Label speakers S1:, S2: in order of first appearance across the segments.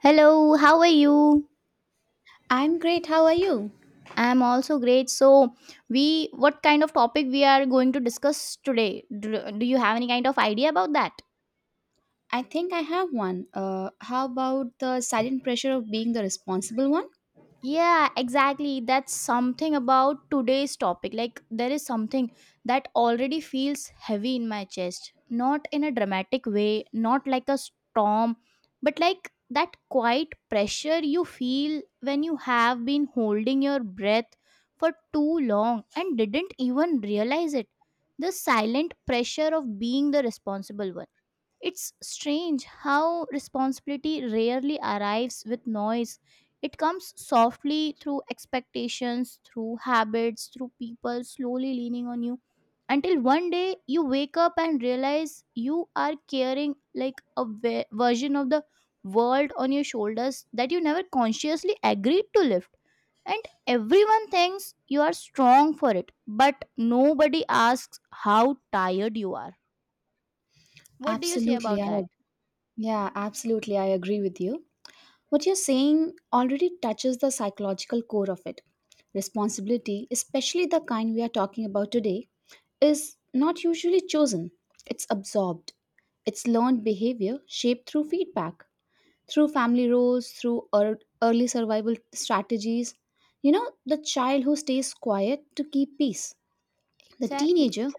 S1: Hello, how are you?
S2: I'm great. How are you?
S1: I'm also great. So, we what kind of topic we are going to discuss today? Do you have any kind of idea about that?
S2: I think I have one. How about the silent pressure of being the responsible one?
S1: Yeah, exactly. That's something about today's topic. Like, there is something that already feels heavy in my chest. Not in a dramatic way, not like a storm, but like that quiet pressure you feel when you have been holding your breath for too long and didn't even realize it. The silent pressure of being the responsible one. It's strange how responsibility rarely arrives with noise. It comes softly through expectations, through habits, through people slowly leaning on you until one day you wake up and realize you are carrying like a version of the world on your shoulders that you never consciously agreed to lift. And everyone thinks you are strong for it, but nobody asks how tired you are. What do you say
S2: Absolutely.
S1: about
S2: I
S1: that?
S2: ag- yeah, absolutely. I agree with you. What you're saying already touches the psychological core of it. Responsibility, especially the kind we are talking about today, is not usually chosen. It's absorbed. It's learned behavior shaped through feedback, through family roles, through early survival strategies. You know, the child who stays quiet to keep peace, the
S1: Exactly.
S2: teenager,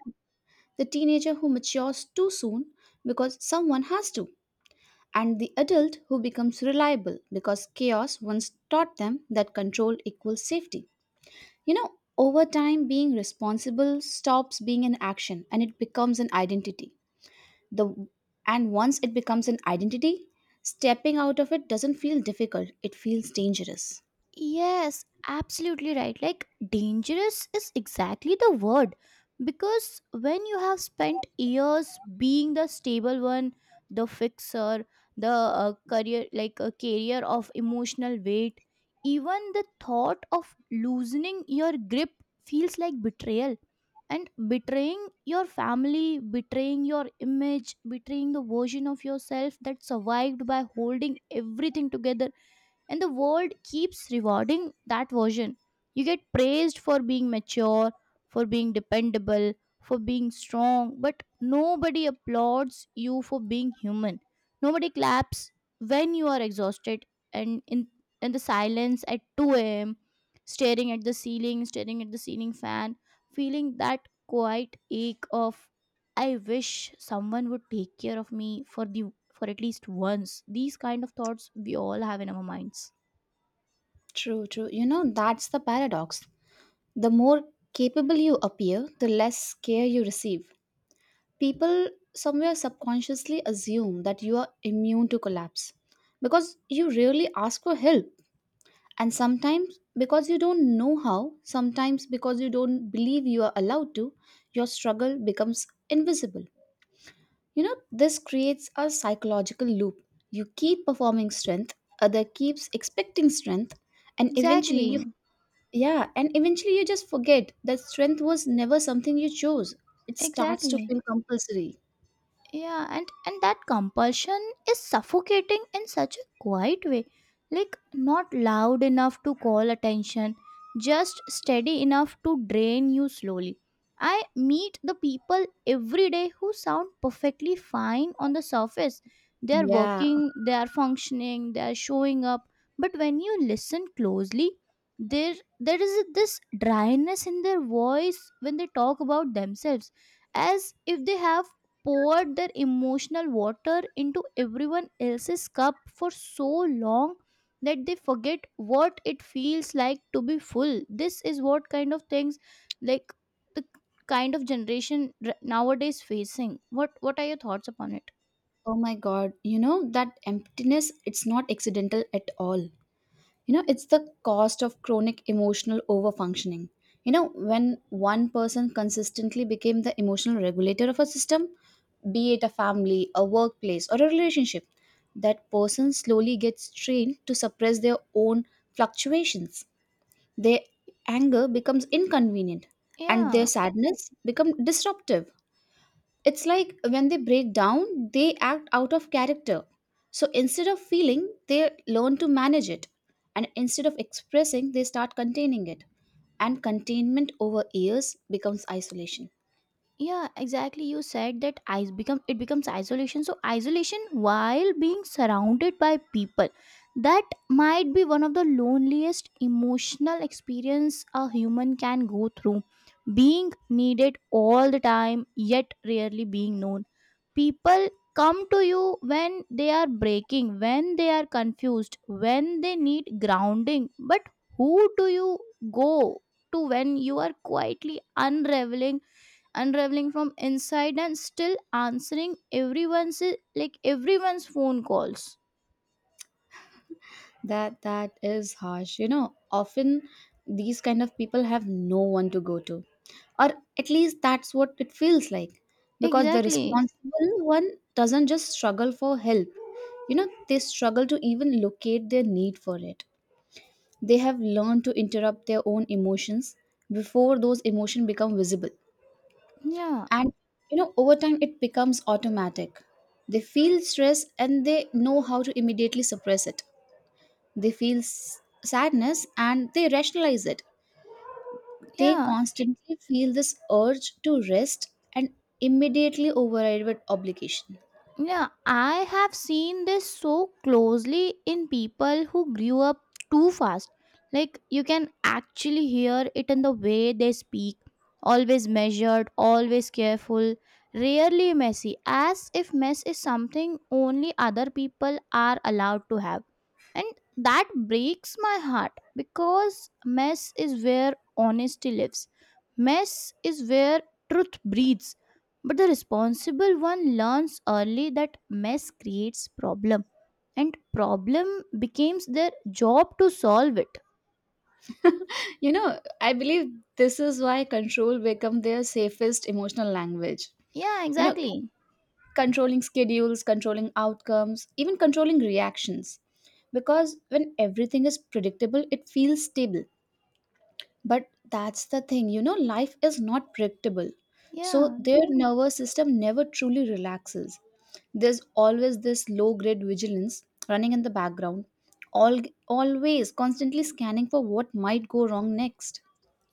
S2: the teenager who matures too soon because someone has to, and the adult who becomes reliable because chaos once taught them that control equals safety. You know, over time, being responsible stops being an action and it becomes an identity. The and once it becomes an identity, stepping out of it doesn't feel difficult, it feels dangerous.
S1: Yes, absolutely right. Like, dangerous is exactly the word. Because when you have spent years being the stable one, the fixer, the career, like a carrier of emotional weight, even the thought of loosening your grip feels like betrayal. And betraying your family, betraying your image, betraying the version of yourself that survived by holding everything together, and the world keeps rewarding that version. You get praised for being mature, for being dependable, for being strong, but nobody applauds you for being human. Nobody claps when you are exhausted and in the silence at 2 a.m., staring at the ceiling, staring at the ceiling fan, feeling that quiet ache of I wish someone would take care of me for at least once. These kind of thoughts we all have in our minds.
S2: True, true. You know, that's the paradox. The more capable you appear, the less care you receive. People somewhere subconsciously assume that you are immune to collapse because you rarely ask for help. And sometimes, because you don't know how, sometimes because you don't believe you are allowed to, your struggle becomes invisible. You know, this creates a psychological loop. You keep performing strength, other keeps expecting strength, and
S1: Exactly,
S2: eventually you just forget that strength was never something you chose. It starts to
S1: exactly.
S2: feel compulsory.
S1: Yeah, and that compulsion is suffocating in such a quiet way, like not loud enough to call attention, just steady enough to drain you slowly. I meet the people every day who sound perfectly fine on the surface. They are working,
S2: Yeah.
S1: they are functioning, they are showing up, but when you listen closely, there is this dryness in their voice when they talk about themselves, as if they have poured their emotional water into everyone else's cup for so long that they forget what it feels like to be full. This is what kind of things, like, the kind of generation nowadays facing. What are your thoughts upon it?
S2: Oh my God. You know, that emptiness, it's not accidental at all. You know, it's the cost of chronic emotional overfunctioning. You know, when one person consistently became the emotional regulator of a system, be it a family, a workplace, or a relationship. That person slowly gets trained to suppress their own fluctuations. Their anger becomes inconvenient and their
S1: Yeah,
S2: sadness becomes disruptive. It's like when they break down, they act out of character. So instead of feeling, they learn to manage it. And instead of expressing, they start containing it. And containment over years becomes isolation.
S1: yeah, exactly. You said that I become it becomes isolation. So isolation while being surrounded by people, that might be one of the loneliest emotional experience a human can go through, being needed all the time yet rarely being known. People come to you when they are breaking, when they are confused, when they need grounding, but who do you go to when you are quietly unraveling, unraveling from inside and still answering everyone's, like, everyone's phone calls?
S2: That is harsh. You know, often these kind of people have no one to go to. Or at least that's what it feels like. Because the
S1: Exactly.
S2: responsible one doesn't just struggle for help. You know, they struggle to even locate their need for it. They have learned to interrupt their own emotions before those emotions become visible.
S1: Yeah,
S2: And you know, over time it becomes automatic. They feel stress and they know how to immediately suppress it they feel sadness and they rationalize it. They
S1: yeah,
S2: constantly feel this urge to rest and immediately override with obligation.
S1: yeah, I have seen this so closely in people who grew up too fast. Like, you can actually hear it in the way they speak, always measured, always careful, rarely messy, as if mess is something only other people are allowed to have. And that breaks my heart, because mess is where honesty lives, mess is where truth breathes. But the responsible one learns early that mess creates problem, and problem becomes their job to solve it.
S2: You know, I believe this is why control become their safest emotional language.
S1: Yeah,
S2: You know,
S1: exactly.
S2: controlling schedules, controlling outcomes, even controlling reactions because when everything is predictable, it feels stable. But that's the thing, you know, life is not predictable. So
S1: Yeah.
S2: their nervous system never truly relaxes. There's always this low grade vigilance running in the background, all, always constantly scanning for what might go wrong next.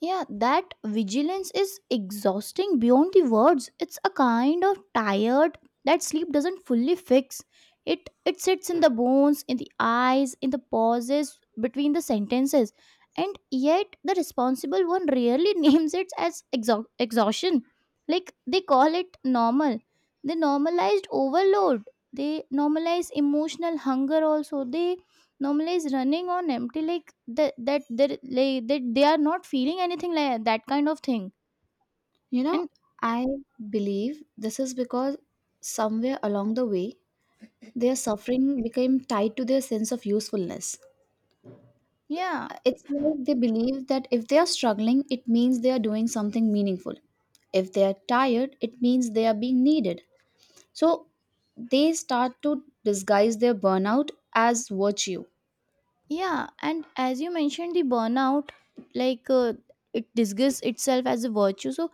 S1: Yeah, that vigilance is exhausting beyond the words. It's a kind of tired that sleep doesn't fully fix. It sits in the bones, in the eyes, in the pauses between the sentences. And yet the responsible one rarely names it as exhaustion. Like, they call it normal. They normalized overload. They normalize emotional hunger also. They normally is running on empty, like that they like, that they are not feeling anything, like that kind of thing.
S2: You know,
S1: And
S2: I believe this is because somewhere along the way, their suffering became tied to their sense of usefulness.
S1: yeah,
S2: It's like they believe that if they are struggling, it means they are doing something meaningful. If they are tired, it means they are being needed. So they start to disguise their burnout as virtue.
S1: yeah, and as you mentioned the burnout, like, it disguises itself as a virtue, so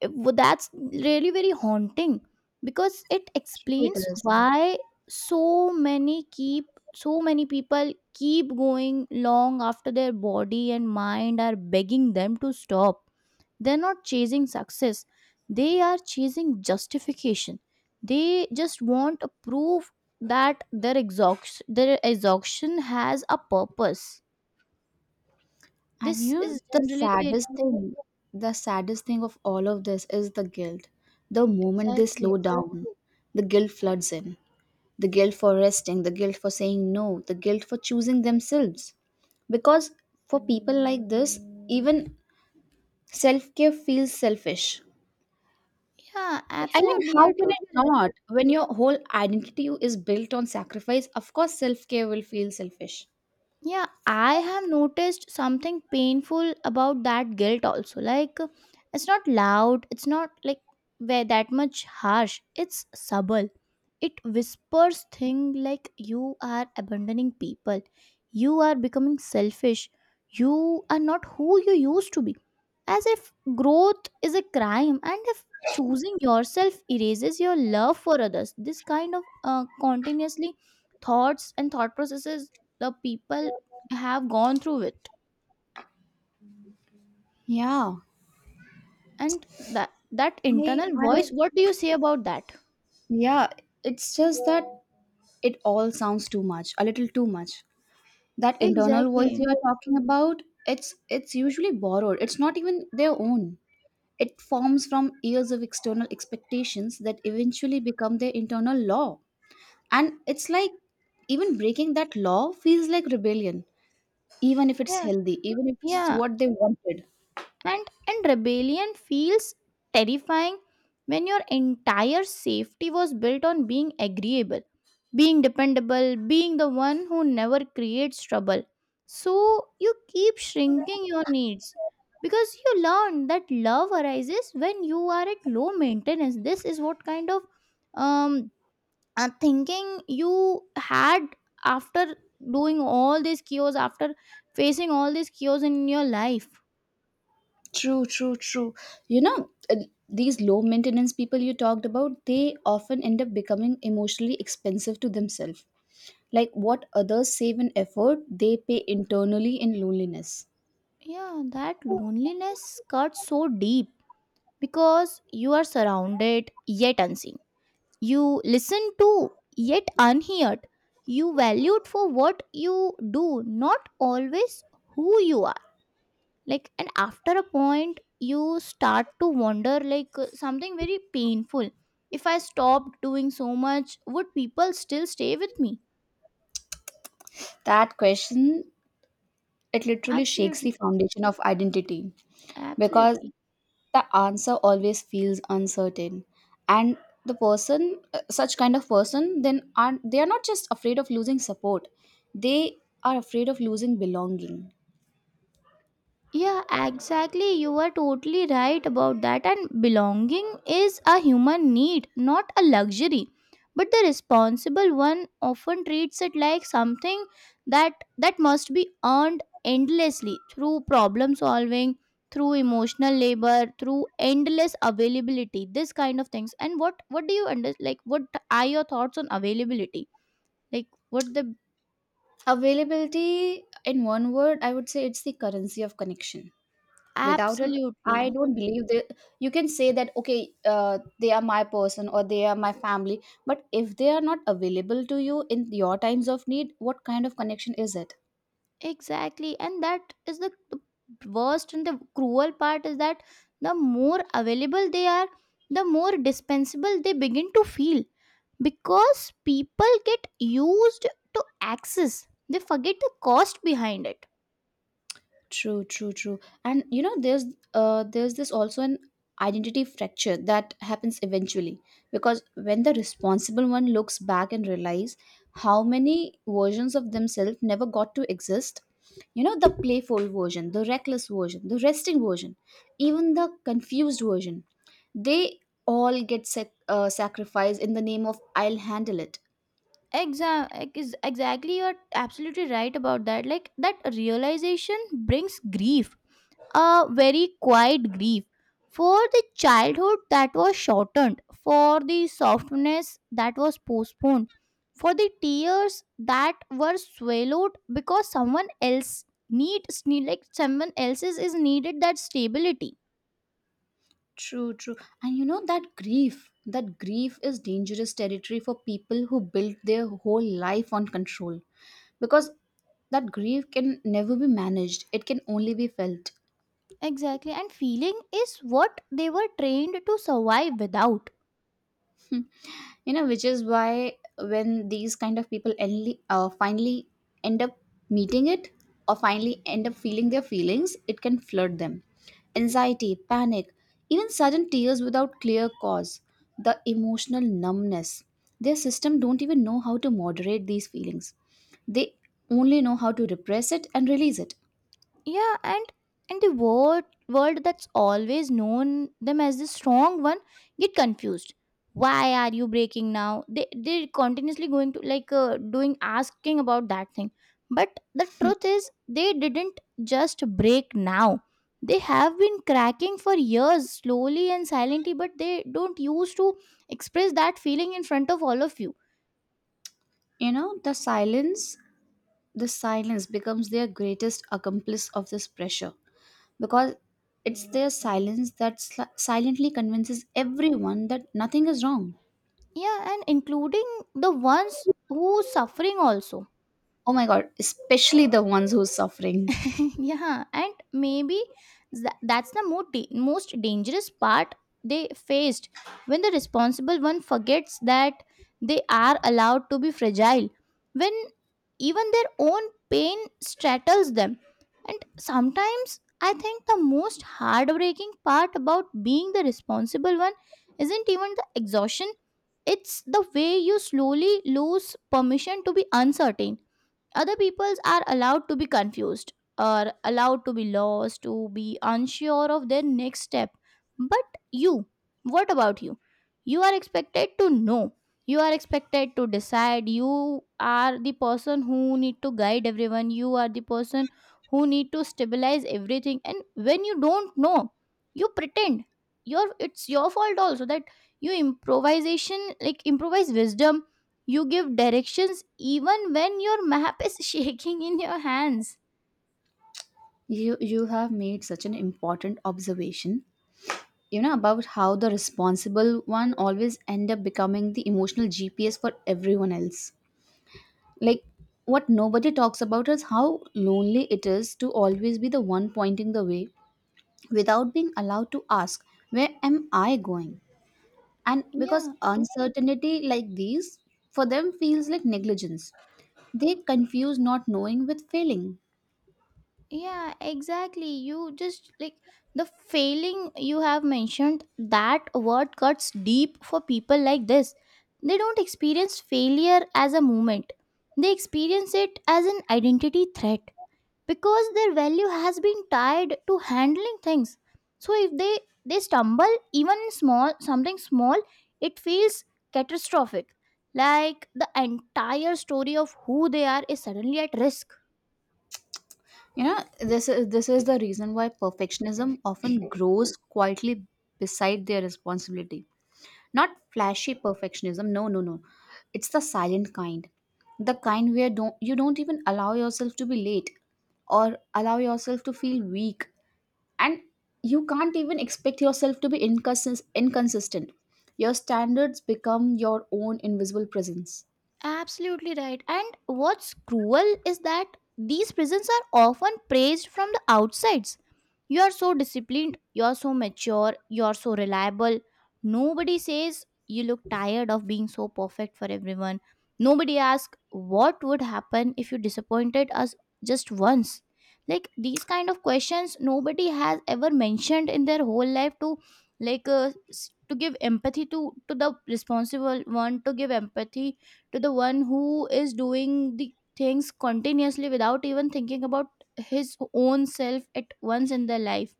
S1: that's really very haunting because it
S2: True it
S1: explains
S2: is.
S1: why so many keep, so many people keep going long after their body and mind are begging them to stop. They're not chasing success, they are chasing justification. They just want a proof that their exhaustion, their exhaustion has a purpose.
S2: And
S1: This
S2: you know,
S1: is generally the.
S2: the saddest thing of all of this is the guilt. The moment they
S1: Exactly.
S2: slow down, the guilt floods in. The guilt for resting, the guilt for saying no, the guilt for choosing themselves because for people like this even self care feels selfish.
S1: Yeah,
S2: I mean,
S1: absolutely, you're
S2: how can it
S1: totally right.
S2: not? When your whole identity is built on sacrifice, of course, self care will feel selfish.
S1: Yeah, I have noticed something painful about that guilt also. Like, it's not loud, it's not like where that much harsh, it's subtle. It whispers thing like you are abandoning people, you are becoming selfish, you are not who you used to be. As if growth is a crime, and if choosing yourself erases your love for others, this kind of continuously thoughts and thought processes the people have gone through it.
S2: Yeah.
S1: And that, that
S2: I,
S1: internal
S2: I,
S1: voice, what do you say about that?
S2: yeah. It's just that it all sounds too much, a little too much. That internal voice you
S1: Exactly.
S2: are talking about, it's usually borrowed. It's not even their own. It forms from years of external expectations that eventually become their internal law. And it's like even breaking that law feels like rebellion even if it's
S1: Yeah.
S2: healthy, even if it's
S1: Yeah,
S2: what they wanted.
S1: and rebellion feels terrifying when your entire safety was built on being agreeable, being dependable, being the one who never creates trouble. So you keep shrinking your needs because you learn that love arises when you are at low maintenance. This is what kind of um thinking you had after doing all these cures, after facing all these cures in your life.
S2: True, true, true. You know, uh, these low maintenance people you talked about, they often end up becoming emotionally expensive to themselves. Like what others save in effort, they pay internally in loneliness.
S1: Yeah, that loneliness cuts so deep because you are surrounded yet unseen, you listen to yet unheard, you valued for what you do, not always who you are. Like, and after a point you start to wonder, like, something very painful: if I stopped doing so much, would people still stay with me?
S2: That question, it literally shakes the
S1: Absolutely,
S2: foundation of identity because
S1: absolutely.
S2: the answer always feels uncertain and the person such kind of person then are they are not just afraid of losing support they are afraid of losing belonging.
S1: Yeah, exactly. You are totally right about that. And belonging is a human need, not a luxury. But the responsible one often treats it like something that must be earned endlessly through problem solving, through emotional labor, through endless availability. This kind of things. And what do you under, like, what are your thoughts on availability? Like, what the.
S2: Availability, in one word, I would say it's the currency of connection. Without it, I
S1: Absolutely.
S2: don't believe that you can say that okay, they are my person or they are my family, but if they are not available to you in your times of need, what kind of connection is it?
S1: Exactly, and that is the worst, and the cruel part is that the more available they are, the more dispensable they begin to feel, because people get used to access, they forget the cost behind it.
S2: True, true, true. And you know, there's this also an identity fracture that happens eventually because when the responsible one looks back and realize how many versions of themselves never got to exist. You know, the playful version, the reckless version, the resting version, even the confused version. They all get sacrificed in the name of "I'll handle it."
S1: Exactly, you're absolutely right about that. Like, that realization brings grief, a very quiet grief for the childhood that was shortened, for the softness that was postponed, for the tears that were swallowed because someone else needs, need, like someone else's is needed that stability.
S2: True, true. And you know that grief is dangerous territory for people who build their whole life on control because that grief can never be managed, it can only be felt.
S1: Exactly, and feeling is what they were trained to survive without.
S2: You know, which is why when these kind of people only, finally end up meeting it or finally end up feeling their feelings, it can flood them: anxiety, panic, even sudden tears without clear cause, the emotional numbness. Their system don't even know how to moderate these feelings. They only know how to repress it and release it.
S1: Yeah, and the word world that's always known them as the strong one get confused why are you breaking now. They, they're continuously going to, like, doing asking about that thing. But the truth is they didn't just break now, they have been cracking for years slowly and silently, but they don't use to express that feeling in front of all of you.
S2: You know, the silence becomes their greatest accomplice of this pressure because it's their silence that silently convinces everyone that nothing is wrong.
S1: Yeah, and including the ones who suffering also.
S2: Oh my god, especially the ones who's suffering.
S1: Yeah, and maybe that's the most dangerous part they faced, when the responsible one forgets that they are allowed to be fragile, when even their own pain straddles them. And sometimes I think the most heartbreaking part about being the responsible one isn't even the exhaustion, it's the way you slowly lose permission to be uncertain. Other peoples are allowed to be confused, or allowed to be lost, to be unsure of their next step. But you, what about you? You are expected to know. You are expected to decide. You are the person who need to guide everyone. You are the person who need to stabilize everything. And when you don't know, you pretend. Your It's your fault also that you improvisation like improvise wisdom, you give directions even when your map is shaking in your hands.
S2: You have made such an important observation, you know, about how the responsible one always end up becoming the emotional GPS for everyone else. Like what nobody talks about is how lonely it is to always be the one pointing the way without being allowed to ask, where am I going? And because
S1: Yeah,
S2: uncertainty like these for them feels like negligence, they confuse not knowing with failing.
S1: yeah, exactly. You just like the failing you have mentioned, that word cuts deep for people like this. They don't experience failure as a moment, they experience it as an identity threat, because their value has been tied to handling things. So if they stumble, even in small something small, it feels catastrophic, like the entire story of who they are is suddenly at risk.
S2: You know, this is the reason why perfectionism often grows quietly beside their responsibility. Not flashy perfectionism, no no no, it's the silent kind. The kind where don't you don't even allow yourself to be late or allow yourself to feel weak, and you can't even expect yourself to be inconsistent. Your standards become your own invisible presence.
S1: Absolutely right. And what's cruel is that these prisons are often praised from the outsides. You are so disciplined, you are so mature, you are so reliable. Nobody says you look tired of being so perfect for everyone. Nobody asks what would happen if you disappointed us just once. Like these kind of questions nobody has ever mentioned in their whole life, to, like, to give empathy to the responsible one, to give empathy to the one who is doing the things continuously without even thinking about his own self at once in their life.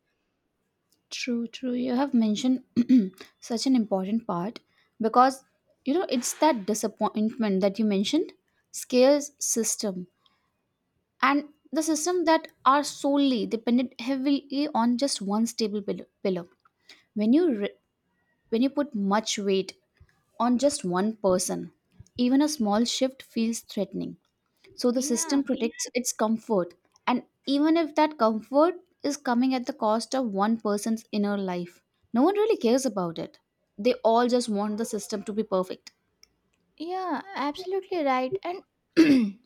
S2: True, true. You have mentioned such an important part because you know it's that disappointment that you mentioned scares system. And the system that are solely dependent heavily on just one stable pillar, when you re- when you put much weight on just one person, even a small shift feels threatening. So the
S1: Yeah.
S2: system protects its comfort. And even if that comfort is coming at the cost of one person's inner life, no one really cares about it. They all just want the system to be perfect.
S1: Yeah, absolutely right. And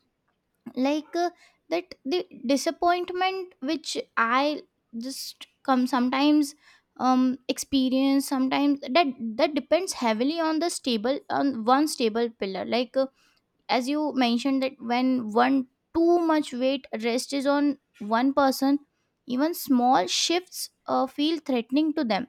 S1: like that the disappointment which I just come sometimes um experience sometimes that that depends heavily on the stable on one stable pillar. As you mentioned, that when one too much weight rest is on one person, even small shifts feel threatening to them.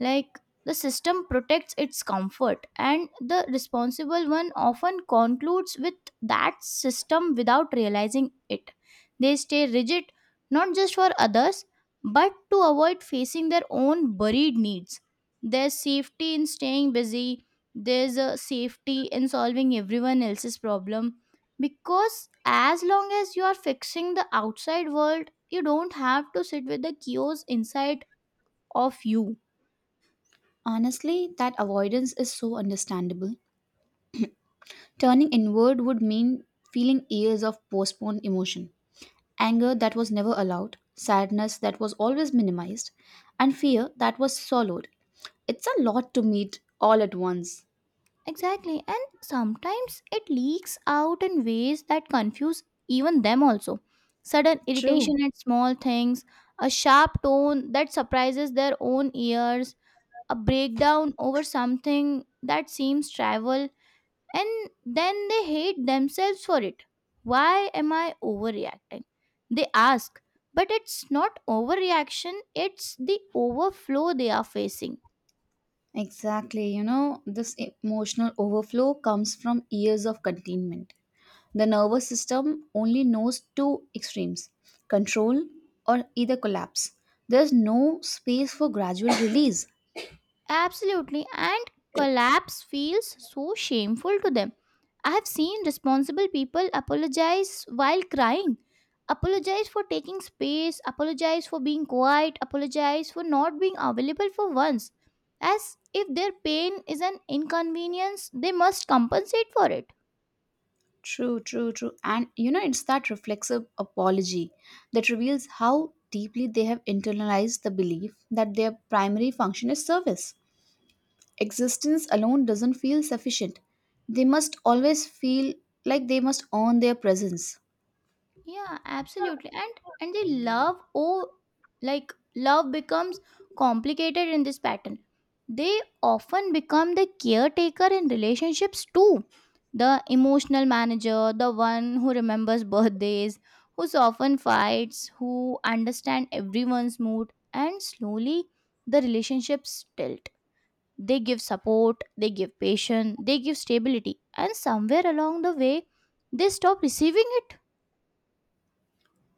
S1: Like, the system protects its comfort, and the responsible one often concludes with that system without realizing it. They stay rigid not just for others but to avoid facing their own buried needs. There's safety in staying busy, there's a safety in solving everyone else's problem, because as long as you are fixing the outside world, you don't have to sit with the chaos inside of you.
S2: Honestly, that avoidance is so understandable. Turning inward would mean feeling years of postponed emotion, anger that was never allowed, sadness that was always minimized, and fear that was swallowed. It's a lot to meet all at once.
S1: Exactly, and sometimes it leaks out in ways that confuse even them also. Sudden irritation
S2: True.
S1: at small things, a sharp tone that surprises their own ears, a breakdown over something that seems trivial, and then they hate themselves for it. Why am I overreacting? They ask, but it's not overreaction, it's the overflow they are facing.
S2: Exactly, you know, this emotional overflow comes from years of containment. The nervous system only knows two extremes: control or either collapse. There's no space for gradual release.
S1: Absolutely, and collapse feels so shameful to them. I have seen responsible people apologize while crying. Apologize for taking space, apologize for being quiet, apologize for not being available for once. As if their pain is an inconvenience, they must compensate for it.
S2: True, true, true. And you know, it's that reflexive apology that reveals how deeply they have internalized the belief that their primary function is service. Existence alone doesn't feel sufficient. They must always feel like they must earn their presence.
S1: Yeah, absolutely. And the love, oh, like, love becomes complicated in this pattern. They often become the caretaker in relationships too. The emotional manager, the one who remembers birthdays, who often fights, who understand everyone's mood, and slowly the relationships tilt. They give support, they give patience, they give stability, and somewhere along the way they stop receiving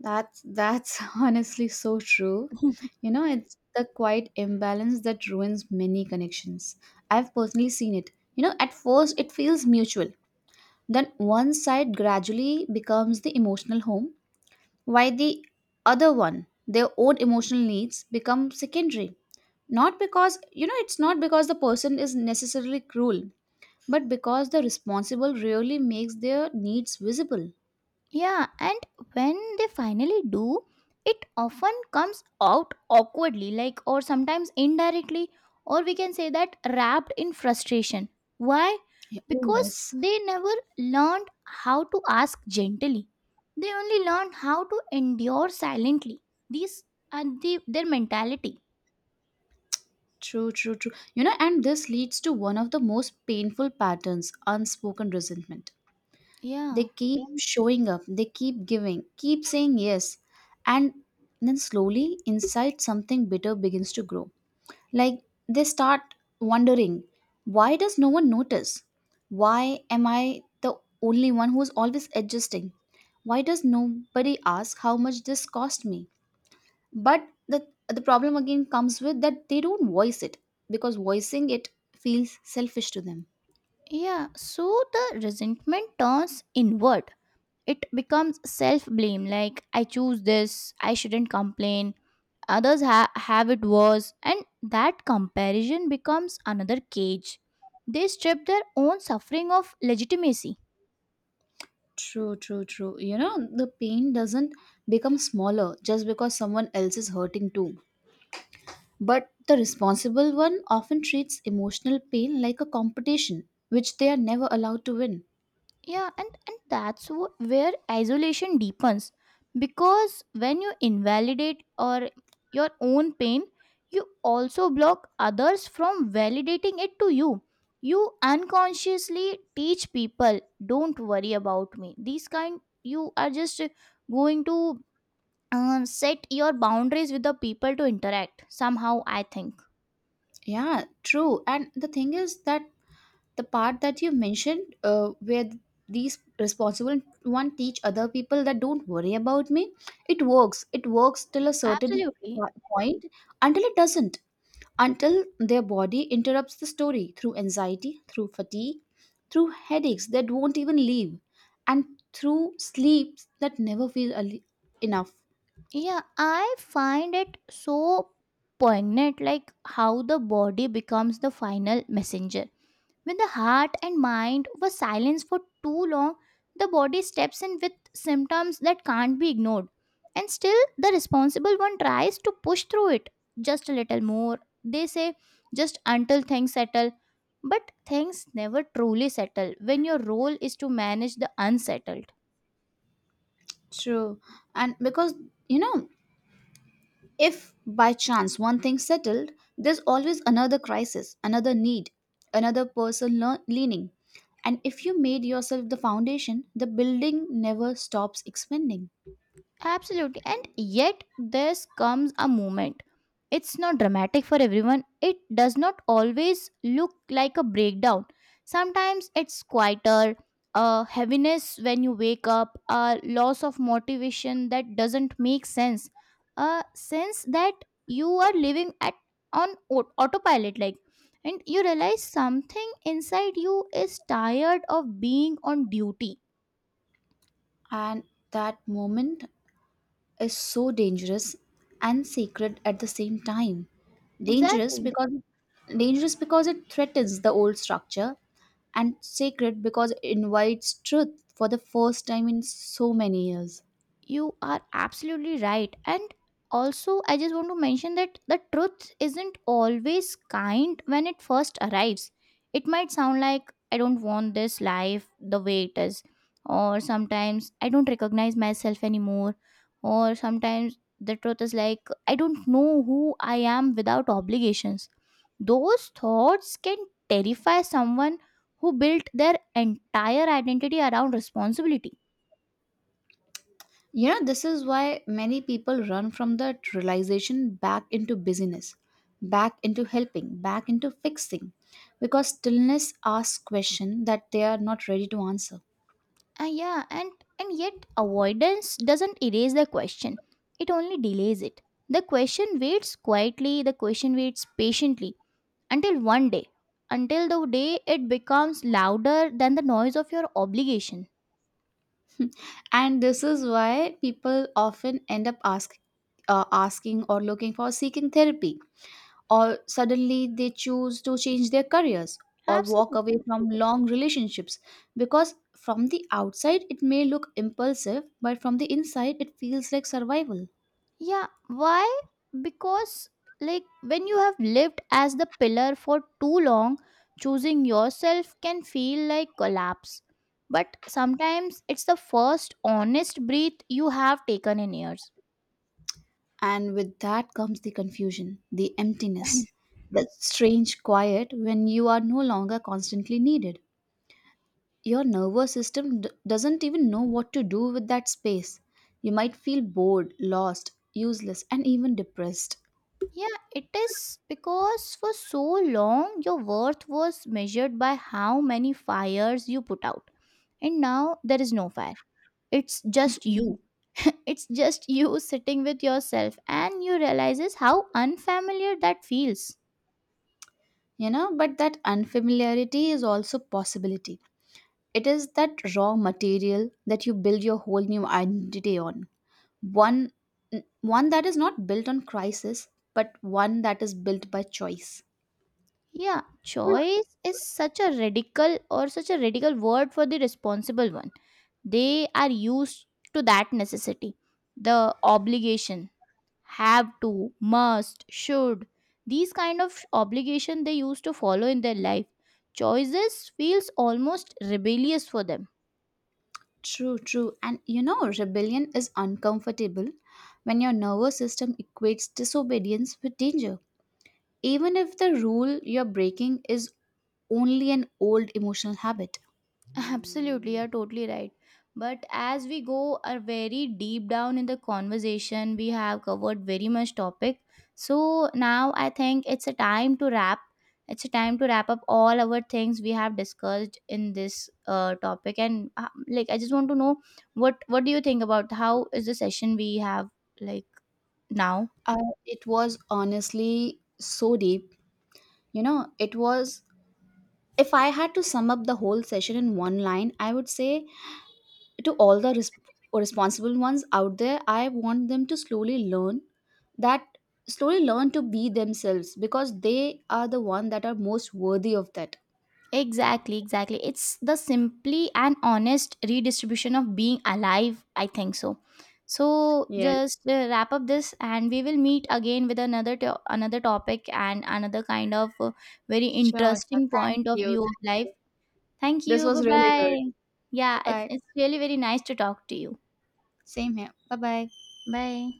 S2: That's honestly so true.
S1: it.
S2: You know, it's the quiet imbalance that ruins many connections. I've personally seen it. You know, at first it feels mutual. Then one side gradually becomes the emotional home, while the other one, their own emotional needs become secondary. Not because, you know, it's not because the person is necessarily cruel, but because the responsible really makes their needs visible.
S1: Yeah, and when they finally do, it often comes out awkwardly, like, or sometimes indirectly, or we can say that wrapped in frustration. Why?
S2: Yeah, oh,
S1: Because
S2: yes.
S1: they never learned how to ask gently, they only learned how to endure silently. These are the, their mentality.
S2: True, true, true. You know, and this leads to one of the most painful patterns unspoken resentment. They
S1: Yeah.
S2: keep mm, showing up, they keep giving, keep saying yes. And then slowly, inside something bitter begins to grow. Like they start wondering, why does no one notice? Why am I the only one who's always adjusting? Why does nobody ask how much this cost me? But the problem again comes with that they don't voice it because voicing it feels selfish to them.
S1: Yeah. So the resentment turns inward, it becomes self blame. Like, I choose this, I shouldn't complain, others have it worse, and that comparison becomes another cage. They strip their own suffering of legitimacy.
S2: True, true, true. You know, the pain doesn't become smaller just because someone else is hurting too, but the responsible one often treats emotional pain like a competition which they are never allowed to win.
S1: Yeah, and that's where isolation deepens, because when you invalidate or your own pain, you also block others from validating it to you. You unconsciously teach people, don't worry about me. These kind, you are just going to set your boundaries with the people to interact somehow, I think.
S2: Yeah, true. And the thing is that the part that you mentioned, where these responsible one teach other people that don't worry about me, it works, it works till a certain
S1: Absolutely.
S2: point, until it doesn't, until their body interrupts the story through anxiety, through fatigue, through headaches that won't even leave, and through sleeps that never feel enough.
S1: Yeah, I find it so poignant, like how the body becomes the final messenger. When the heart and mind were silenced for too long, the body steps in with symptoms that can't be ignored. And still, the responsible one tries to push through it just a little more. They say, just until things settle. But things never truly settle when your role is to manage the unsettled.
S2: True. And because you know, if by chance one thing settled, there's always another crisis, another need, another person leaning. And if you made yourself the foundation, the building never stops expanding.
S1: Absolutely. And yet, this comes a moment. It's not dramatic for everyone. It does not always look like a breakdown. Sometimes it's quieter, a heaviness when you wake up, a loss of motivation that doesn't make sense, a sense that you are living at on autopilot, like, and you realize something inside you is tired of being on duty.
S2: And that moment is so dangerous and sacred at the same time. Dangerous
S1: Exactly.
S2: because dangerous because it threatens the old structure, and sacred because it invites truth for the first time in so many years.
S1: You are absolutely right. And also, I just want to mention that the truth isn't always kind when it first arrives. It might sound like, I don't want this life the way it is, or sometimes I don't recognize myself anymore, or sometimes the truth is like, I don't know who I am without obligations. Those thoughts can terrify someone who built their entire identity around responsibility.
S2: You know, this is why many people run from that realization back into busyness, back into helping, back into fixing, because stillness asks questions that they are not ready to answer.
S1: Yeah, and yet avoidance doesn't erase the question. It only delays it. The question waits quietly, the question waits patiently until one day, until the day it becomes louder than the noise of your obligation.
S2: And this is why people often end up asking or looking for seeking therapy, or suddenly they choose to change their careers or walk away
S1: Absolutely.
S2: from long relationships because from the outside it may look impulsive, but from the inside it feels like survival.
S1: Yeah, why? Because, like, when you have lived as the pillar for too long, choosing yourself can feel like collapse. But sometimes it's the first honest breath you have taken in years.
S2: And with that comes the confusion, the emptiness, that strange quiet when you are no longer constantly needed. Your nervous system doesn't even know what to do with that space. You might feel bored, lost, useless, and even depressed.
S1: Yeah, it is because for so long your worth was measured by how many fires you put out. And now there is no fire. It's just
S2: Mhm.
S1: you. It's just you sitting with yourself, and you realizes how unfamiliar that feels.
S2: You know, but that unfamiliarity is also possibility. It is that raw material that you build your whole new identity on. One n- one that is not built on crisis, but one that is built by choice.
S1: Yeah, choice is such a radical, or such a radical word for the responsible one. They are used to that necessity, the obligation, have to, must, should. These kind of obligation they used to follow in their life. Choices feels almost rebellious for them.
S2: True, true. And you know, rebellion is uncomfortable when your nervous system equates disobedience with danger. Even if the rule you're breaking is only an old emotional habit.
S1: Absolutely, you're totally right. But as we go are very deep down in the conversation, we have covered very much topic. So now I think it's a time to wrap. It's a time to wrap up all our things we have discussed in this topic. And like, I just want to know what do you think about how is the session we have, like, now?
S2: Uh, it was honestly so deep. You know, it was, if I had to sum up the whole session in one line, I would say to all the responsible ones out there, I want them to slowly learn that slowly learn to be themselves because they are the one that are most worthy of that.
S1: Exactly, exactly. It's the simply and honest redistribution of being alive, I think so. So
S2: Yes,
S1: just wrap up this, and we will meet again with another another topic and another kind of very
S2: sure, sure.
S1: interesting
S2: Thank
S1: point of
S2: you,
S1: view of
S2: thank
S1: life.
S2: you.
S1: Thank
S2: This
S1: you.
S2: was really good.
S1: Bye-bye. Yeah,
S2: Bye bye.
S1: it's really very nice to talk to you.
S2: Same here, bye bye.
S1: Bye.